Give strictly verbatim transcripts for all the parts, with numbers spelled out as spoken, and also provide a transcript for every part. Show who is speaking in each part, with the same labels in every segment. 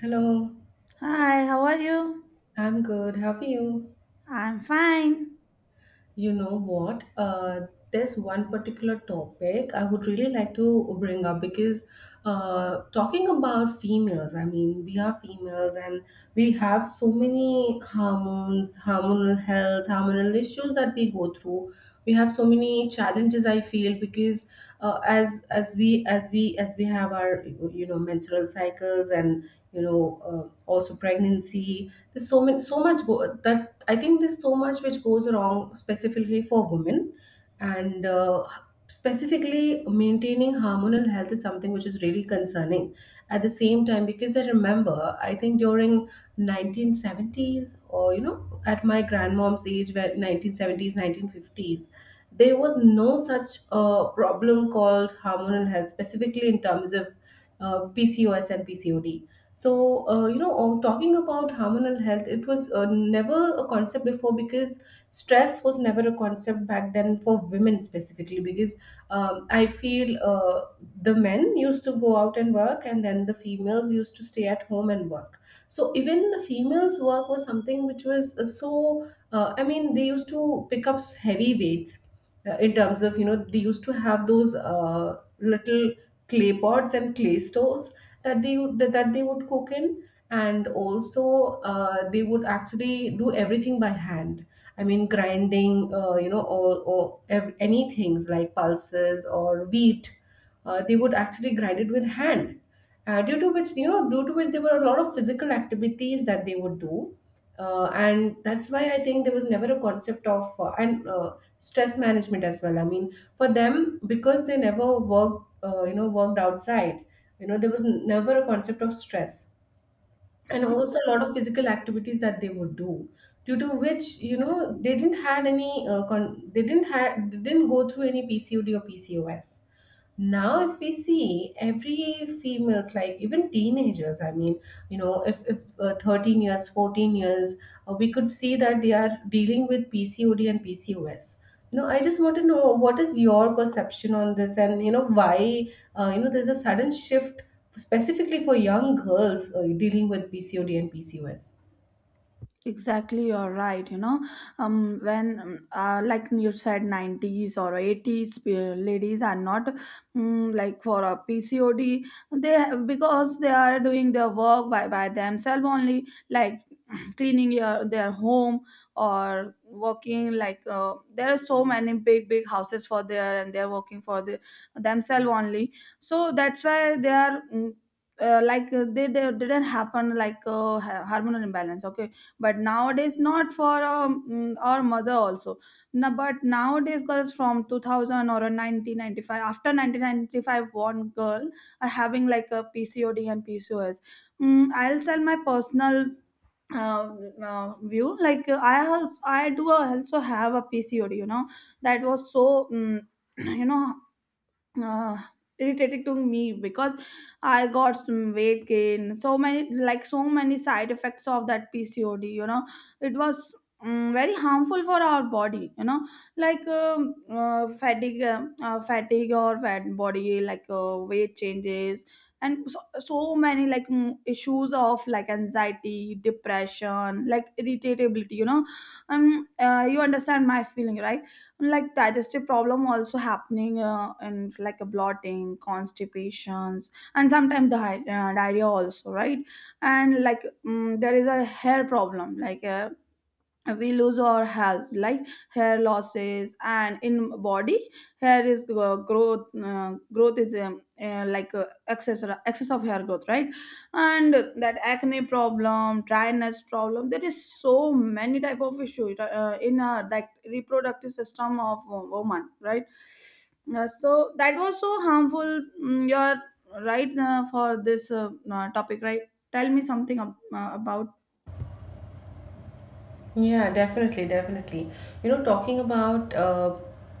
Speaker 1: Hello,
Speaker 2: Hi, how are you?
Speaker 1: I'm good. How are you?
Speaker 2: I'm fine.
Speaker 1: You know what? Uh, there's one particular topic I would really like to bring up, because uh, talking about females, I mean, we are females, and we have so many hormones, hormonal health, hormonal issues that we go through. We have so many challenges. I feel, because uh, as as we as we as we have our you know menstrual cycles cycles, and you know uh, also pregnancy, there's so many so much go- that I think, there's so much which goes wrong specifically for women. And uh, specifically, maintaining hormonal health is something which is really concerning at the same time, because I remember, I think, during nineteen seventies, or you know at my grandmom's age, where nineteen seventies, nineteen fifties, there was no such uh, problem called hormonal health, specifically in terms of uh, P C O S and P C O D. So, uh, you know, uh, talking about hormonal health, it was uh, never a concept before, because stress was never a concept back then for women specifically. Because um, I feel, uh, the men used to go out and work, and then the females used to stay at at home and work. So even the females work was something which was uh, so, uh, I mean, they used to pick up heavy weights, uh, in terms of, you know they used to have those uh, little clay pots and clay stoves that they would- that, that they would cook in. And also uh, they would actually do everything by hand. I mean, grinding, uh, you know or, or ev- any things like pulses or wheat. Uh, they would actually grind it with hand, uh, due to which, you know due to which there were a lot of physical activities that they would do. Uh, and that's why I think there was never a concept of uh, and uh, stress management as well. I mean, for them, because they never worked, uh, you know worked outside. You know there was never a concept of stress, and also a lot of physical activities that they would do, due to which, you know they didn't had any uh, con- they didn't had they didn't go through any pcod or pcos. Now, if we see every females, like even teenagers, I mean, you know if, if uh, thirteen years, fourteen years, uh, we could see that they are dealing with pcod and pcos. you know I just want to know, what is your perception on this, and you know why, uh, you know there's a sudden shift specifically for young girls uh, dealing with pcod and pcos.
Speaker 2: Exactly, you're right. You know, um, when um, uh, like you said, nineties or eighties pe- ladies are not mm, like for a P C O D. They have, because they are doing their work by by themselves only, like cleaning your their home or working. Like uh, there are so many big big houses for there, and they're working for the themselves only. So that's why they are. Mm, uh, like uh, they, they didn't happen like uh, ha- hormonal imbalance, okay, but nowadays, not for um, mm, our mother also. No, but nowadays girls from two thousand or a nineteen ninety-five, after nineteen ninety-five, one girl are having like a pcod and pcos. mm, I'll sell my personal uh, uh, view, like uh, I also i do also have a pcod, you know. That was so mm, you know, uh, irritating to me because I got some weight gain, so many like so many side effects of that P C O D. You know, it was um, very harmful for our body. You know, like um, uh, fatigue, uh, uh, fatigue or fat body, like uh, weight changes. And so, so many like mm, issues of like anxiety, depression, like irritability, you know. Um, uh, you understand my feeling, right? Like digestive problem also happening, uh, and like a blotting constipations and sometimes di- uh, diarrhea also, right? And like mm there is a hair problem, like uh, we lose our health like hair losses, and in body hair is uh, growth uh, growth is um, uh, like uh, excess excess of hair growth, right? And that acne problem, dryness problem, there is so many type of issue uh, in uh, like reproductive system of a woman, right? Uh, so that was so harmful. Mm, you're right uh, for this uh, uh, topic, right? Tell me something ab- uh, about.
Speaker 1: Yeah, definitely, definitely. You know, talking about uh,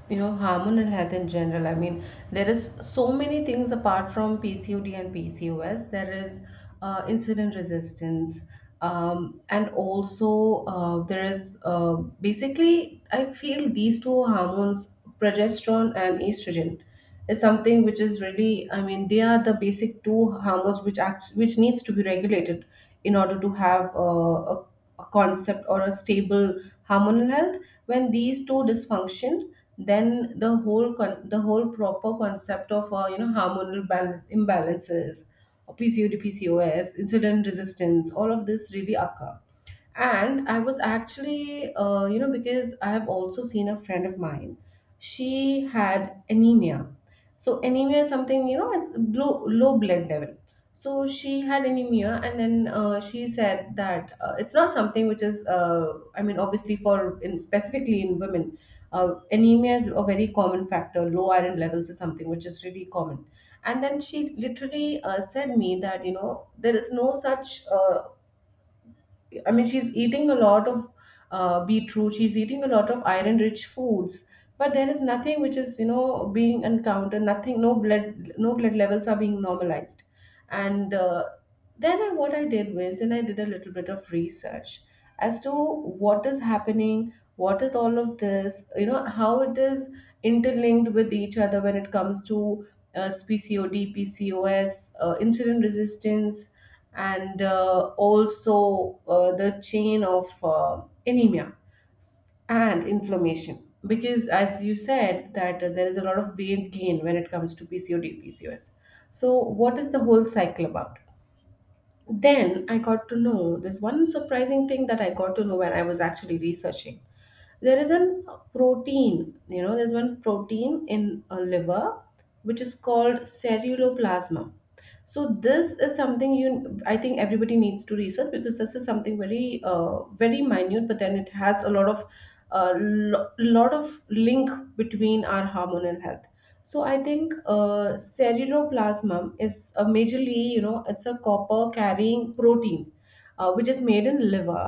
Speaker 1: you know hormonal health in general. I mean, there is so many things apart from P C O D and P C O S. There is uh, insulin resistance, um, and also uh, there is uh, basically, I feel, these two hormones, progesterone and estrogen, is something which is really. I mean, they are the basic two hormones, which acts which needs to be regulated in order to have uh, a, a concept, or a stable hormonal health. When these two dysfunction, then the whole con- the whole proper concept of uh, you know hormonal balance, imbalances, pcod, pcos, insulin resistance, all of this really occur. And I was actually, uh, you know because I have also seen a friend of mine, she had anemia. So anemia is something, you know it's low, low blood level. So she had anemia, and then uh, she said that, uh, it's not something which is uh, I mean, obviously, for in specifically in women, uh, anemia is a very common factor. Low iron levels is something which is really common. And then she literally uh, said me that, you know there is no such uh, I mean, she's eating a lot of uh, beetroot. She's eating a lot of iron-rich foods, but there is nothing which is, you know, being encountered. Nothing, no blood, no blood levels are being normalized. And uh, then, I, what I did was, and I did a little bit of research as to what is happening, what is all of this, you know, how it is interlinked with each other, when it comes to uh, P C O D, P C O S, uh, insulin resistance, and uh, also uh, the chain of uh, anemia and inflammation, because, as you said, that uh, there is a lot of weight gain when it comes to pcod pcos. So what is the whole cycle about? Then I got to know, there's one surprising thing that I got to know when I was actually researching. There is an protein, you know there's one protein in a liver, which is called ceruloplasma. So this is something, you I think, everybody needs to research, because this is something very uh, very minute, but then it has a lot of — a lo- lot of link between our hormonal health. So I think, uh, ceruloplasma is a majorly, you know it's a copper carrying protein, uh, which is made in liver,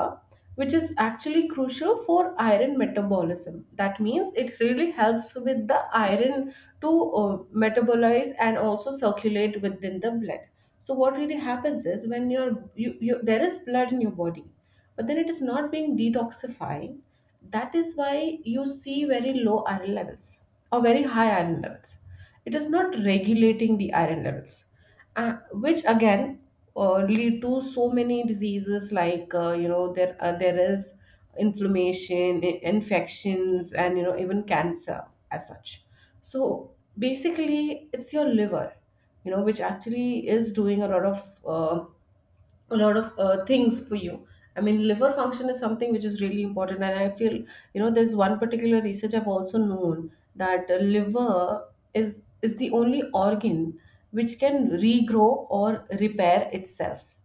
Speaker 1: which is actually crucial for iron metabolism. That means, it really helps with the iron to uh, metabolize and also circulate within the blood. So what really happens is, when you're you, you there is blood in your body, but then it is not being detoxifying. That is why you see very low iron levels, or very high iron levels. It is not regulating the iron levels, uh, which again uh, lead to so many diseases, like, uh, you know, there uh, there is inflammation, i- infections, and, you know, even cancer as such. So basically, it's your liver, you know, which actually is doing a lot of, uh, a lot of uh, things for you. I mean, liver function is something which is really important, and I feel, you know, there's one particular research I've also known, that uh, liver is is the only organ which can regrow or repair itself.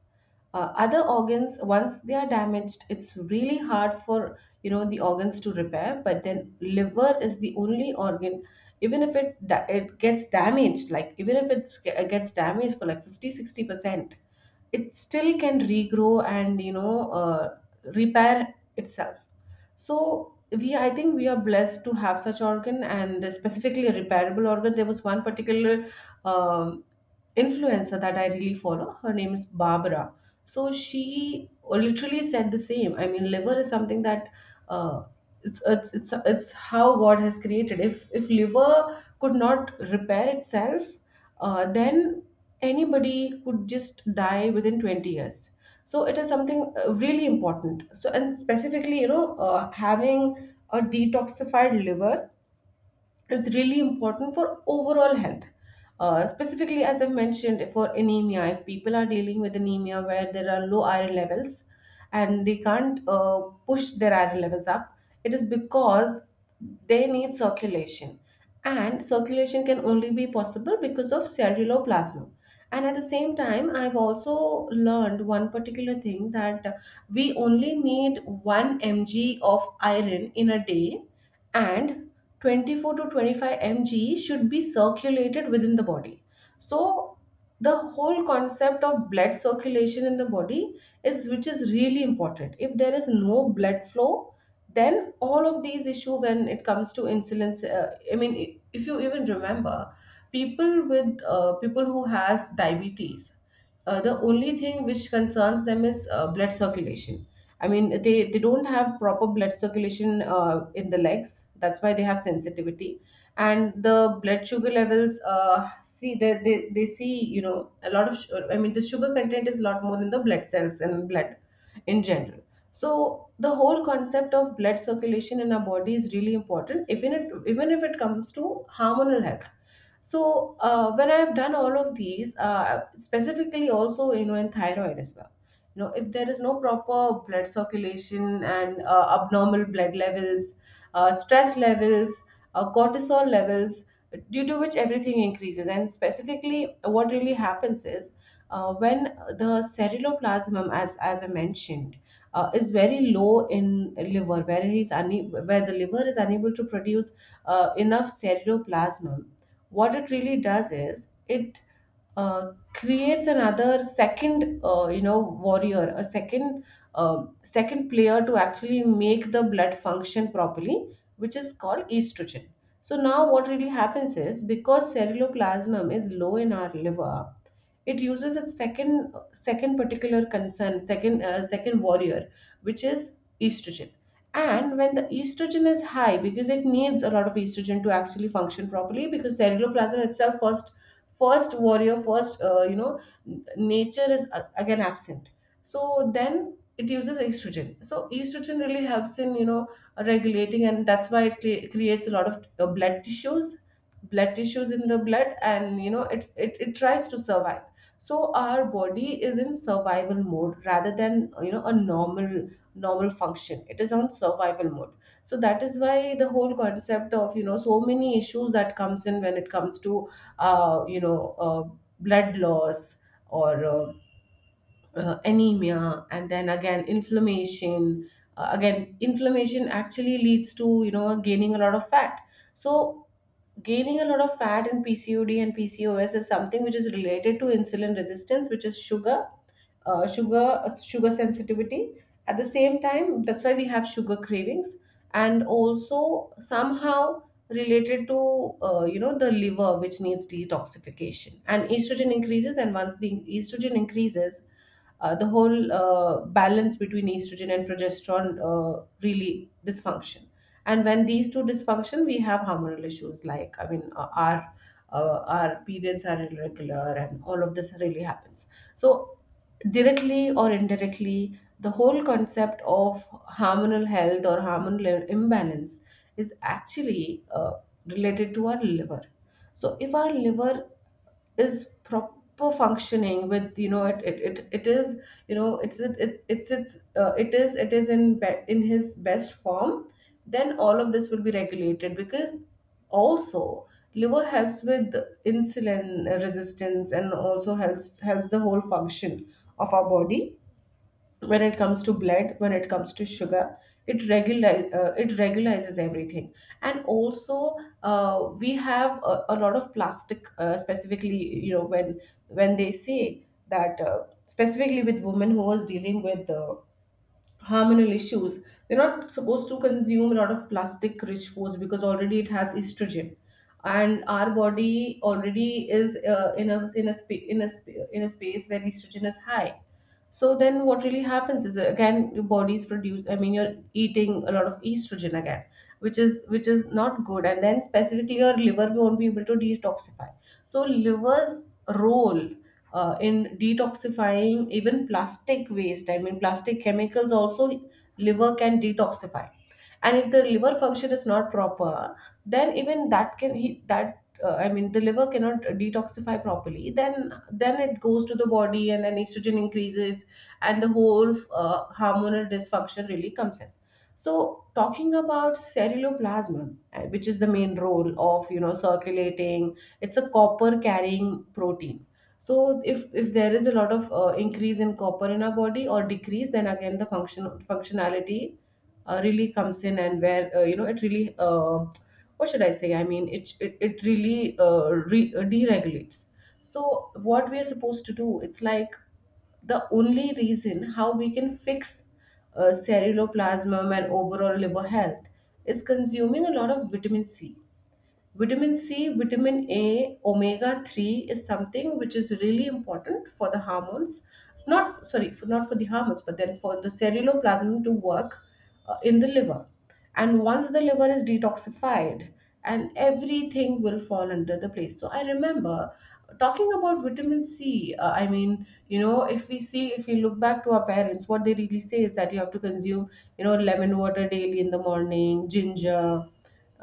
Speaker 1: uh, Other organs, once they are damaged, it's really hard for, you know, the organs to repair. But then, liver is the only organ. Even if it da- it gets damaged, like, even if it's, it gets damaged for like fifty, sixty percent, it still can regrow, and, you know, uh, repair itself. So we, I think, we are blessed to have such organ, and specifically a repairable organ. There was one particular um, influencer that I really follow. Her name is Barbara. So she literally said the same. I mean, liver is something that — uh, it's, it's it's it's how God has created. If if liver could not repair itself, uh, then anybody could just die within twenty years. So it is something, uh, really important. So, and specifically, you know, uh, having a detoxified liver is really important for overall health. Uh, specifically, as I've mentioned, for anemia, if people are dealing with anemia where there are low iron levels, and they can't uh, push their iron levels up, it is because they need circulation. And circulation can only be possible because of cellular plasma. And at the same time, I've also learned one particular thing, that we only need one milligram of iron in a day, and twenty-four to twenty-five milligrams should be circulated within the body. So the whole concept of blood circulation in the body is, which is really important. If there is no blood flow, then all of these issue, when it comes to insulin, uh, I mean, i- if you even remember, people with, uh, people who has diabetes, uh, the only thing which concerns them is uh, blood circulation. I mean, they, they don't have proper blood circulation uh, in the legs. That's why they have sensitivity. And the blood sugar levels, uh, see, they, they, they see, you know, a lot of, su- I mean, the sugar content is a lot more in the blood cells and blood in general. So the whole concept of blood circulation in our body is really important, even, it, even if it comes to hormonal health. So uh, when I've done all of these, uh, specifically also, you know, in thyroid as well. You know, if there is no proper blood circulation, and uh, abnormal blood levels, uh, stress levels, uh, cortisol levels, due to which everything increases. And specifically, what really happens is uh, when the ceruloplasmin, as as I mentioned, uh, is very low in liver, where he's une- where the liver is unable to produce uh, enough ceruloplasmin. What it really does is it uh, creates another second uh, you know warrior, a second uh, second player to actually make the blood function properly, which is called estrogen. So now what really happens is, because ceruloplasmin is low in our liver, it uses its second second particular concern second uh, second warrior, which is estrogen. And when the estrogen is high, because it needs a lot of estrogen to actually function properly, because ceruloplasmin itself, first first warrior first uh, you know n- nature, is uh, again absent, so then it uses estrogen. So estrogen really helps in you know regulating, and that's why it cre- creates a lot of uh, blood tissues blood tissues in the blood. And you know, it, it it tries to survive. So our body is in survival mode rather than you know a normal normal function. It is on survival mode. So that is why the whole concept of you know so many issues that comes in when it comes to uh, you know uh, blood loss, or uh, uh, anemia, and then again inflammation. Uh, again, inflammation actually leads to you know gaining a lot of fat. So gaining a lot of fat in P C O D and P C O S is something which is related to insulin resistance, which is sugar uh, sugar uh, sugar sensitivity. At the same time, that's why we have sugar cravings, and also somehow related to uh, you know the liver, which needs detoxification, and estrogen increases. And once the estrogen increases, uh, the whole uh, balance between estrogen and progesterone uh, really dysfunction. And when these two dysfunction, we have hormonal issues. Like, I mean, uh, our uh, our periods are irregular, and all of this really happens. So directly or indirectly, the whole concept of hormonal health or hormonal imbalance is actually uh, related to our liver. So, if our liver is proper functioning, with you know it it, it, it is, you know it's it, it it's it's uh, it is it is in be- in his best form, then all of this will be regulated. Because also, liver helps with insulin resistance, and also helps helps the whole function of our body. When it comes to blood, when it comes to sugar, it regular uh, it regularizes everything. And also, uh, we have a, a lot of plastic. Uh, specifically, you know when when they say that, uh, specifically with women who was dealing with uh, hormonal issues, we're not supposed to consume a lot of plastic rich foods, because already it has estrogen, and our body already is uh, in a in a spa- in a sp- in a space where estrogen is high. So then what really happens is, uh, again, your body's produced, I mean, you're eating a lot of estrogen again, which is which is not good. And then specifically, your liver won't be able to detoxify. So liver's role uh, in detoxifying even plastic waste, I mean, plastic chemicals also liver can detoxify. And if the liver function is not proper, then even that can he, that uh, I mean, the liver cannot detoxify properly. Then then it goes to the body and then estrogen increases, and the whole uh, hormonal dysfunction really comes in. So, talking about ceruloplasma, uh, which is the main role of you know circulating, it's a copper carrying protein. So if if there is a lot of uh, increase in copper in our body, or decrease, then again the function functionality uh, really comes in. And where, uh, you know, it really, uh, what should I say? I mean, it it, it really uh, re- uh, deregulates. So what we are supposed to do, it's like, the only reason how we can fix uh, ceruloplasmin and overall liver health is consuming a lot of vitamin C. Vitamin C, vitamin A, omega three is something which is really important for the hormones. It's not, sorry, for, not for the hormones, but then for the ceruloplasmin to work uh, in the liver. And once the liver is detoxified, and everything will fall under the place. So I remember talking about vitamin C. Uh, I mean, you know, if we see, if we look back to our parents, what they really say is that you have to consume you know, lemon water daily in the morning, ginger,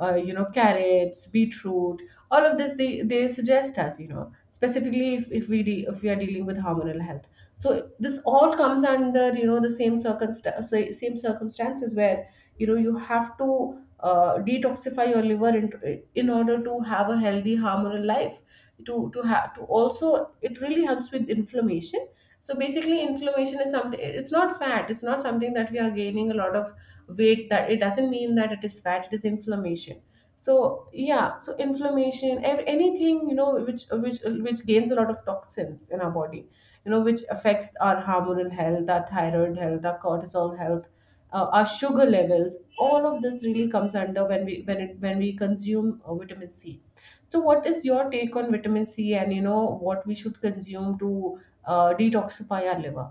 Speaker 1: uh, you know carrots, beetroot. All of this they, they suggest us, you know specifically if, if we de- if we are dealing with hormonal health. So this all comes under you know the same circumstance same circumstances, where you know you have to uh, detoxify your liver in, in order to have a healthy hormonal life. to to have to also, it really helps with inflammation. So basically, inflammation is something, it's not fat, it's not something that we are gaining a lot of weight. That, it doesn't mean that it is fat, it is inflammation. So yeah, so inflammation, ev- anything you know which which which gains a lot of toxins in our body, you know, which affects our hormonal health, our thyroid health, our cortisol health, uh, our sugar levels. All of this really comes under when we when it when we consume uh, vitamin C. So, what is your take on vitamin C, and you know what we should consume to uh, detoxify our liver?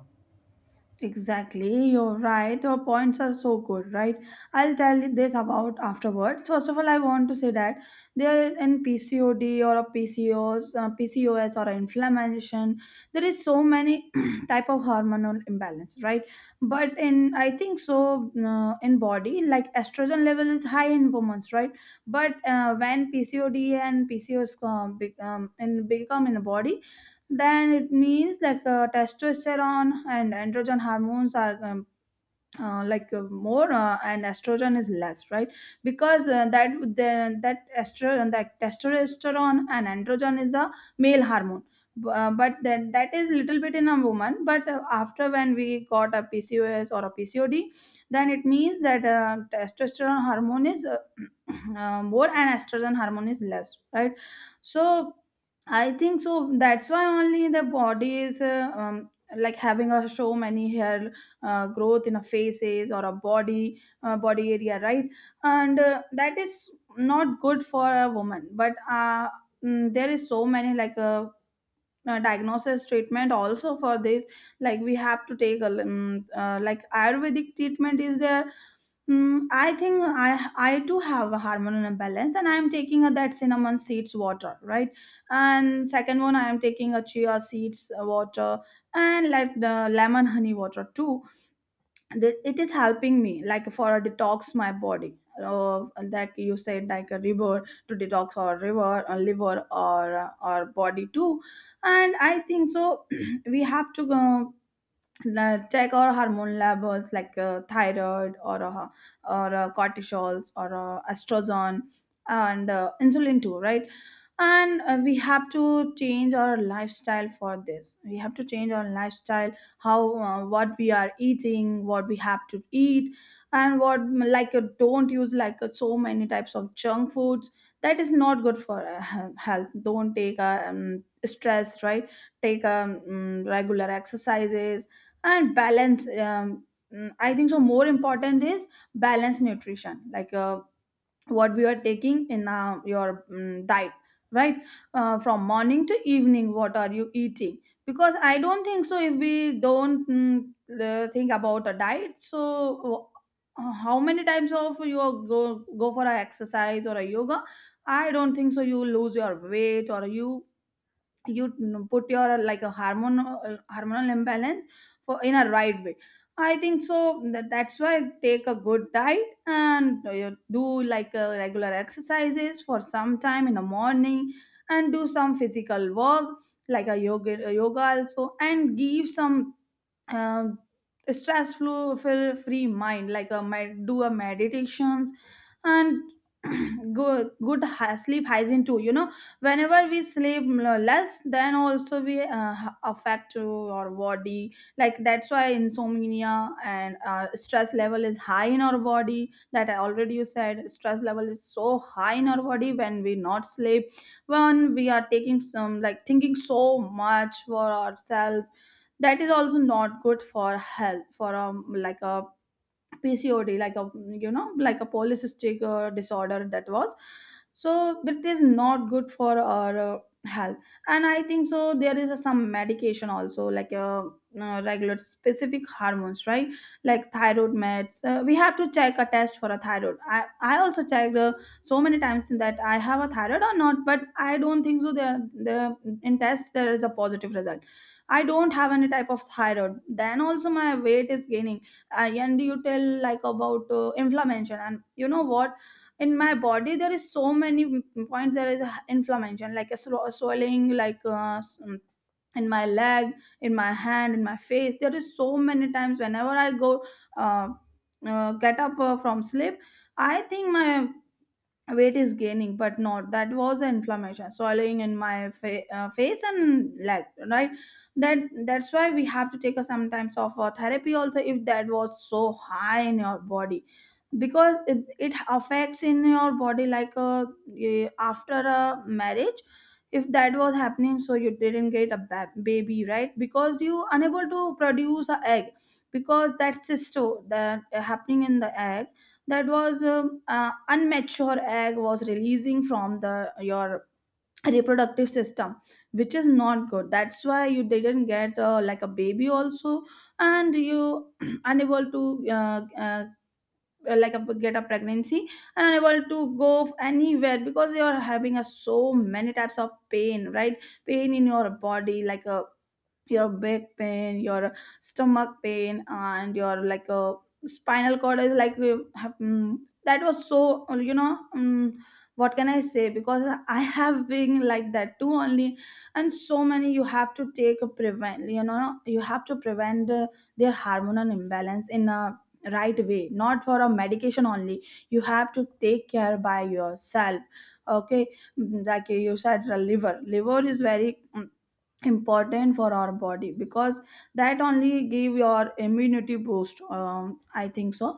Speaker 2: Exactly, you're right. Your points are so good, right? I'll tell you this about afterwards. First of all, I want to say that there is in P C O D or a P C O S, uh, P C O S or inflammation, there is so many type of hormonal imbalance, right? But in I think so uh, in body, like estrogen level is high in women, right? But uh, when P C O D and P C O S come, be- um, in become in the body, then it means like uh, testosterone and androgen hormones are um, uh, like uh, more uh, and estrogen is less, right? Because uh, that the, that estrogen, that testosterone and androgen is the male hormone. B- uh, but then that is little bit in a woman, but uh, after when we got a pcos or a pcod, then it means that uh, testosterone hormone is uh, uh, more and estrogen hormone is less, right? So I think so that's why only the body is uh, um, like having a so many hair uh, growth in a faces or a body uh, body area, right? And uh, that is not good for a woman, but uh, mm, there is so many like uh, uh, diagnosis treatment also for this, like we have to take a um, uh, like ayurvedic treatment is there. Mm, I think I I do have a hormonal imbalance, and I am taking a, that cinnamon seeds water, right? And second one, I am taking a chia seeds uh, water and like the lemon honey water too. And it, it is helping me like for a detox my body. Uh, like you said, like a river to detox or river or liver or or body too, and I think so. We have to go la- check our hormone levels like uh, thyroid or uh, or uh, cortisols or uh, estrogen and uh, insulin too, right? And uh, we have to change our lifestyle for this we have to change our lifestyle, how uh, what we are eating, what we have to eat, and what, like uh, don't use like uh, so many types of junk foods, that is not good for uh, he- health. Don't take uh, um, stress, right? Take um, mm, regular exercises and balance um, mm, I think so more important is balanced nutrition, like uh, what we are taking in uh, your mm diet, right? Uh, from morning to evening, what are you eating? Because I don't think so, if we don't mm, uh, think about a diet, so uh, how many times of you go go for a exercise or a yoga, I don't think so you lose your weight, or you you put your like a hormonal uh, hormonal imbalance for in a right way. I think so that, that's why take a good diet and uh, do like a regular exercises for some time in the morning, and do some physical work like a yoga yoga also, and give some um, stress flow for free mind, like a med- do a meditations, and go good hy- sleep hygiene too, you know. Whenever we sleep l- less, then also we uh, h- affect to our body, like that's why insomnia and uh, stress level is high in our body, that I already you said stress level is so high in our body when we not sleep, when we are taking some like thinking so much for ourselves, that is also not good for health for um like a P C O D, like a, you know, like a polycystic uh, disorder that was. So that is not good for our uh, health. And I think so. There is uh, some medication also, like uh, uh, regulate specific hormones, right? Like thyroid meds. Uh, we have to check a test for a thyroid. I I also checked uh, so many times that I have a thyroid or not, but I don't think so. There the In test there is a positive result. I don't have any type of thyroid. Then also my weight is gaining. I- and you tell like about uh, inflammation, and you know what, in my body there is so many m- points, there is a h- inflammation like a sw- swelling, like uh, s- mm, in my leg, in my hand, in my face, there is so many times whenever I go uh, uh, get up uh, from sleep, I think my weight is gaining, but not, that was the inflammation swallowing in my fa- uh, face and leg, right? that that's why we have to take a sometimes of a therapy also, if that was so high in your body, because it, it affects in your body like a, eh, after a marriage, if that was happening, so you didn't get a ba- baby, right? Because you unable to produce a egg, because that cysto that uh, happening in the egg, that was um, uh, unmature egg was releasing from the your reproductive system, which is not good, that's why you didn't get uh, like a baby also, and you unable to uh, uh, like a, get a pregnancy, and unable to go anywhere because you are having a so many types of pain, right? Pain in your body, like a your back pain, your stomach pain, and your like a spinal cord is like uh, have- mm, that was so uh, you know, mm what can I say, because I have been like that too only. And so many, you have to take a prevent, you know, you have to prevent uh, their hormonal imbalance in a right way, not for a medication only, you have to take care by yourself, okay. Mm, like you said, uh, liver liver is very mm, important for our body, because that only give your immunity boost, um, I think so.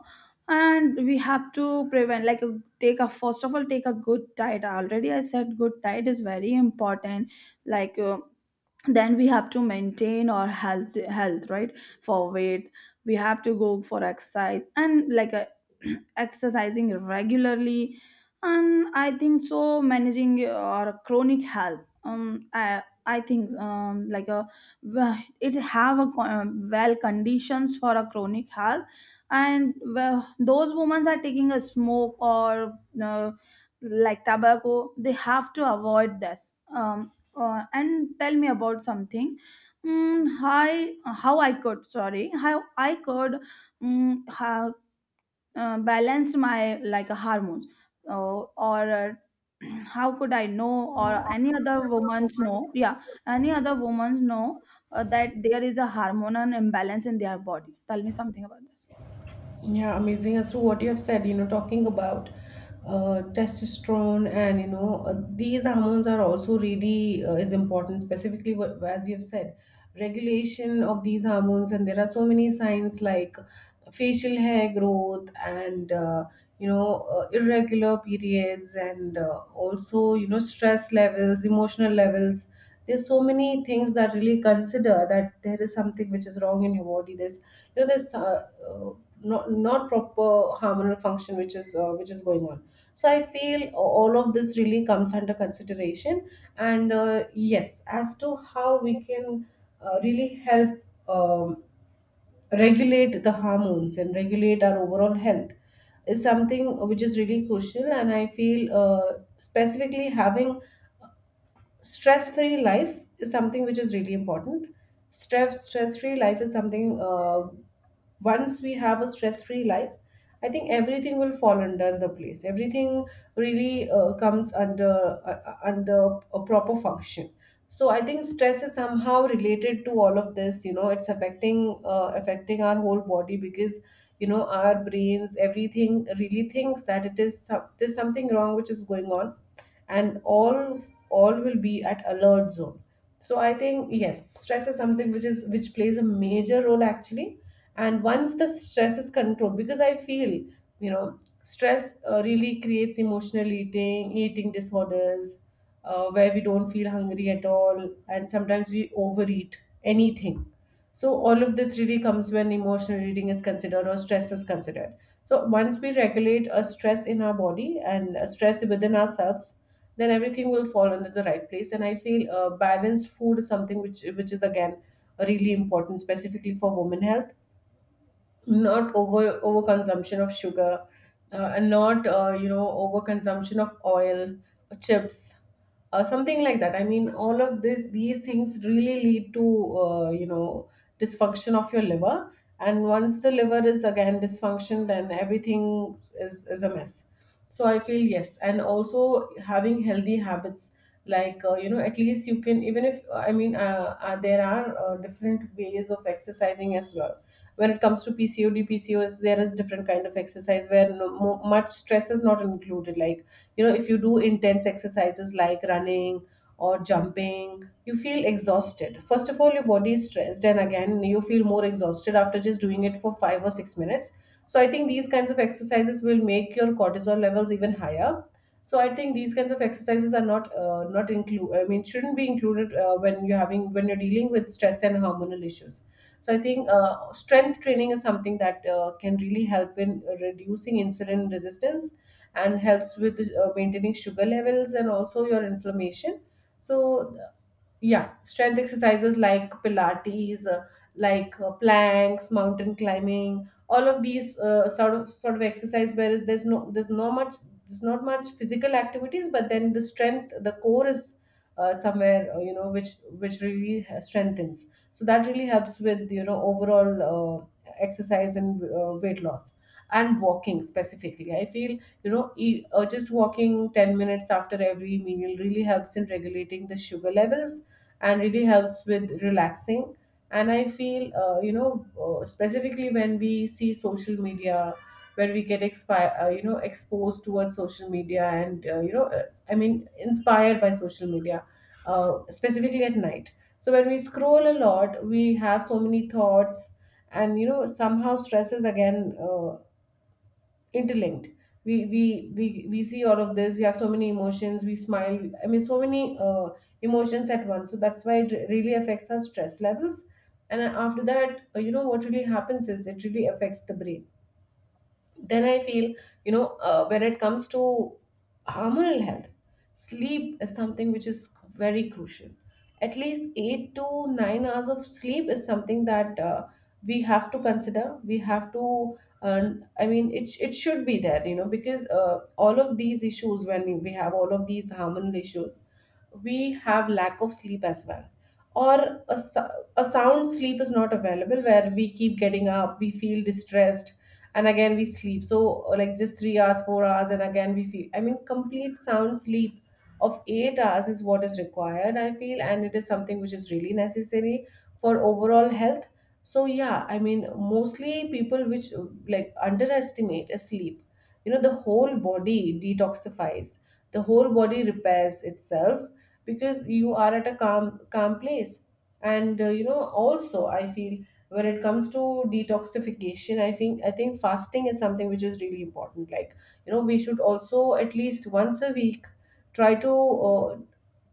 Speaker 2: And we have to prevent, like, take a first of all take a good diet, already I said good diet is very important, like uh, then we have to maintain our health health, right? For weight, we have to go for exercise and like a exercising regularly, and I think so, managing our chronic health um i I think um like a wh- it have a co- um, well conditions for a chronic health. And well, those women are taking a smoke or uh, like tobacco, they have to avoid this. um uh, and tell me about something, mm, how, how I could, sorry, how I could, mm, how uh, balance my like hormones, uh, or uh, how could I know, or any other woman's know, yeah, any other woman's know, uh, that there is a hormonal imbalance in their body, tell me something about this.
Speaker 1: Yeah, amazing as to what you have said, you know, talking about uh, testosterone and you know, uh, these hormones are also really uh, is important. Specifically, wh- as you have said, regulation of these hormones. And there are so many signs like facial hair growth, and uh, you know, uh, irregular periods, and uh, also you know, stress levels, emotional levels. There's so many things that really consider that there is something which is wrong in your body. There's you know there's uh, uh, not not proper hormonal function which is uh, which is going on. So I feel all of this really comes under consideration. And uh, yes, as to how we can uh, really help um, regulate the hormones and regulate our overall health is something which is really crucial. And I feel, uh, specifically, having stress free life is something which is really important. Stress stress free life is something. Uh, once we have a stress free life, I think everything will fall under the place. Everything really uh, comes under uh, uh, under a proper function. So I think stress is somehow related to all of this. You know it's affecting uh, affecting our whole body, because you know our brains, everything really thinks that it is some, there's something wrong which is going on, and all all will be at alert zone. So I think yes, stress is something which is which plays a major role actually. And once the stress is controlled, because I feel you know stress uh, really creates emotional eating eating disorders, uh, where we don't feel hungry at all, and sometimes we overeat anything. So, all of this really comes when emotional eating is considered, or stress is considered. So, once we regulate a stress in our body, and a stress within ourselves, then everything will fall under the right place. And I feel uh, balanced food is something which, which is again really important, specifically for women health. Not over overconsumption of sugar, uh, and not uh, you know overconsumption of oil, uh, chips, uh, something like that. I mean, all of this these things really lead to uh, you know dysfunction of your liver. And once the liver is again dysfunction, then everything is is a mess. So I feel yes, and also having healthy habits. Like, uh, you know at least, you can even if uh, I mean uh, uh, there are uh, different ways of exercising as well. When it comes to PCOD, PCOS, there is different kind of exercise where no, mo- much stress is not included. Like, you know if you do intense exercises like running or jumping, you feel exhausted. First of all, your body is stressed, and again you feel more exhausted after just doing it for five or six minutes. So I think these kinds of exercises will make your cortisol levels even higher. So I think these kinds of exercises are not uh, not include. I mean, shouldn't be included uh, when you're having when you're dealing with stress and hormonal issues. So I think uh, strength training is something that uh, can really help in reducing insulin resistance, and helps with uh, maintaining sugar levels and also your inflammation. So yeah, strength exercises like pilates, uh, like uh, planks, mountain climbing, all of these uh, sort of sort of exercise where is- there's no there's no much, there's not much physical activities, but then the strength, the core is uh, somewhere, uh, you know which which really strengthens, so that really helps with, you know, overall uh, exercise and uh, weight loss. And walking specifically, I feel, you know, e- uh, just walking ten minutes after every meal really helps in regulating the sugar levels and really helps with relaxing. And I feel, uh, you know uh, specifically when we see social media, when we get expi- uh, you know exposed towards social media, and uh, you know uh, I mean inspired by social media, uh, specifically at night. So when we scroll a lot, we have so many thoughts, and you know, somehow stress is again, uh, interlinked. We we we, we see all of this, we have so many emotions, we smile, I mean so many uh, emotions at once, so that's why it really affects our stress levels. And uh, after that, uh, you know what really happens is it really affects the brain. Then I feel, you know uh, when it comes to hormonal health, sleep is something which is very crucial. At least eight to nine hours of sleep is something that uh, we have to consider. We have to, uh, I mean it, it should be there, you know, because uh, all of these issues, when we have all of these hormonal issues, we have lack of sleep as well. Or a, sou- a sound sleep is not available, where we keep getting up, we feel distressed and again we sleep. So like just three hours, four hours, and again we feel, I mean, complete sound sleep of eight hours is what is required, I feel, and it is something which is really necessary for overall health. So yeah, I mean mostly people which uh, like underestimate a sleep, you know, the whole body detoxifies, the whole body repairs itself, because you are at a calm calm place. And uh, you know also I feel, when it comes to detoxification, i think i think fasting is something which is really important. Like you know, we should also at least once a week try to, uh,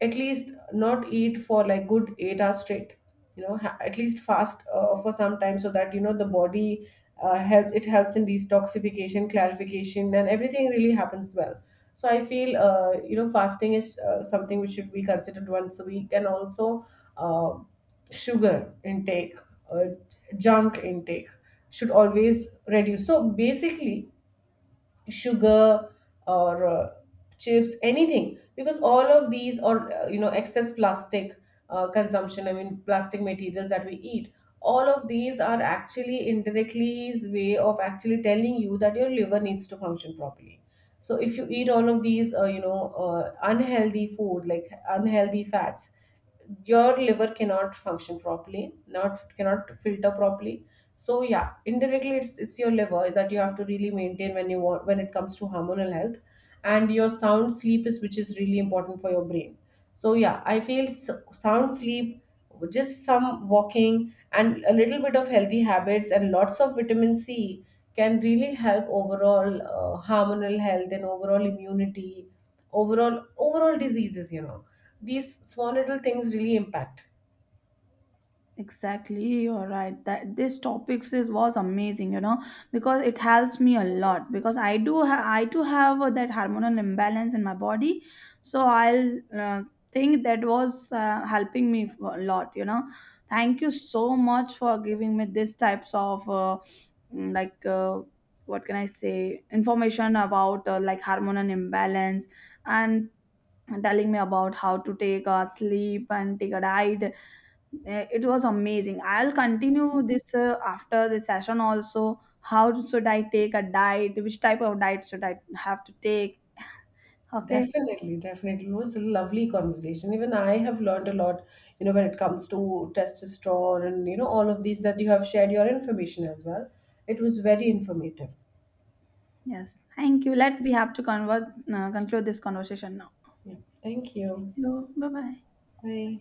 Speaker 1: at least not eat for like good eight hours straight, you know, ha- at least fast uh, for some time, so that you know the body, uh, help it helps in detoxification, clarification, and everything really happens well. So I feel, uh, you know fasting is uh, something which should be considered once a week. And also, uh, sugar intake, uh, junk intake should always reduce. So basically sugar, or uh, chips, anything, because all of these, or uh, you know excess plastic uh, consumption, I mean plastic materials that we eat, all of these are actually indirectly way of actually telling you that your liver needs to function properly. So if you eat all of these, uh, you know uh, unhealthy food like unhealthy fats, your liver cannot function properly, not cannot filter properly. So yeah, indirectly it's it's your liver that you have to really maintain when you want, when it comes to hormonal health. And your sound sleep is which is really important for your brain. So yeah, I feel, s- sound sleep, just some walking, and a little bit of healthy habits, and lots of vitamin C can really help overall uh, hormonal health and overall immunity, overall overall diseases, you know, these small little things really impact.
Speaker 2: Exactly, you're right. That this topics is was amazing, you know, because it helps me a lot, because I do ha- I too have uh, that hormonal imbalance in my body, so I'll uh, think that was uh, helping me f- a lot, you know. Thank you so much for giving me this types of uh, mm, like uh, what can I say, information about uh, like hormonal imbalance, and telling me about how to take a sleep and take a diet. Uh, it was amazing. I'll continue this uh, after the session also. How should I take a diet, which type of diet should I have to take. Okay.
Speaker 1: Definitely, definitely, it was a lovely conversation. Even I have learned a lot, you know, when it comes to testosterone, and you know all of these that you have shared your information as well. It was very informative.
Speaker 2: Yes, thank you. Let we have to convert, uh, conclude this conversation now.
Speaker 1: Yeah, thank you.
Speaker 2: Hello. Bye bye.
Speaker 1: Bye.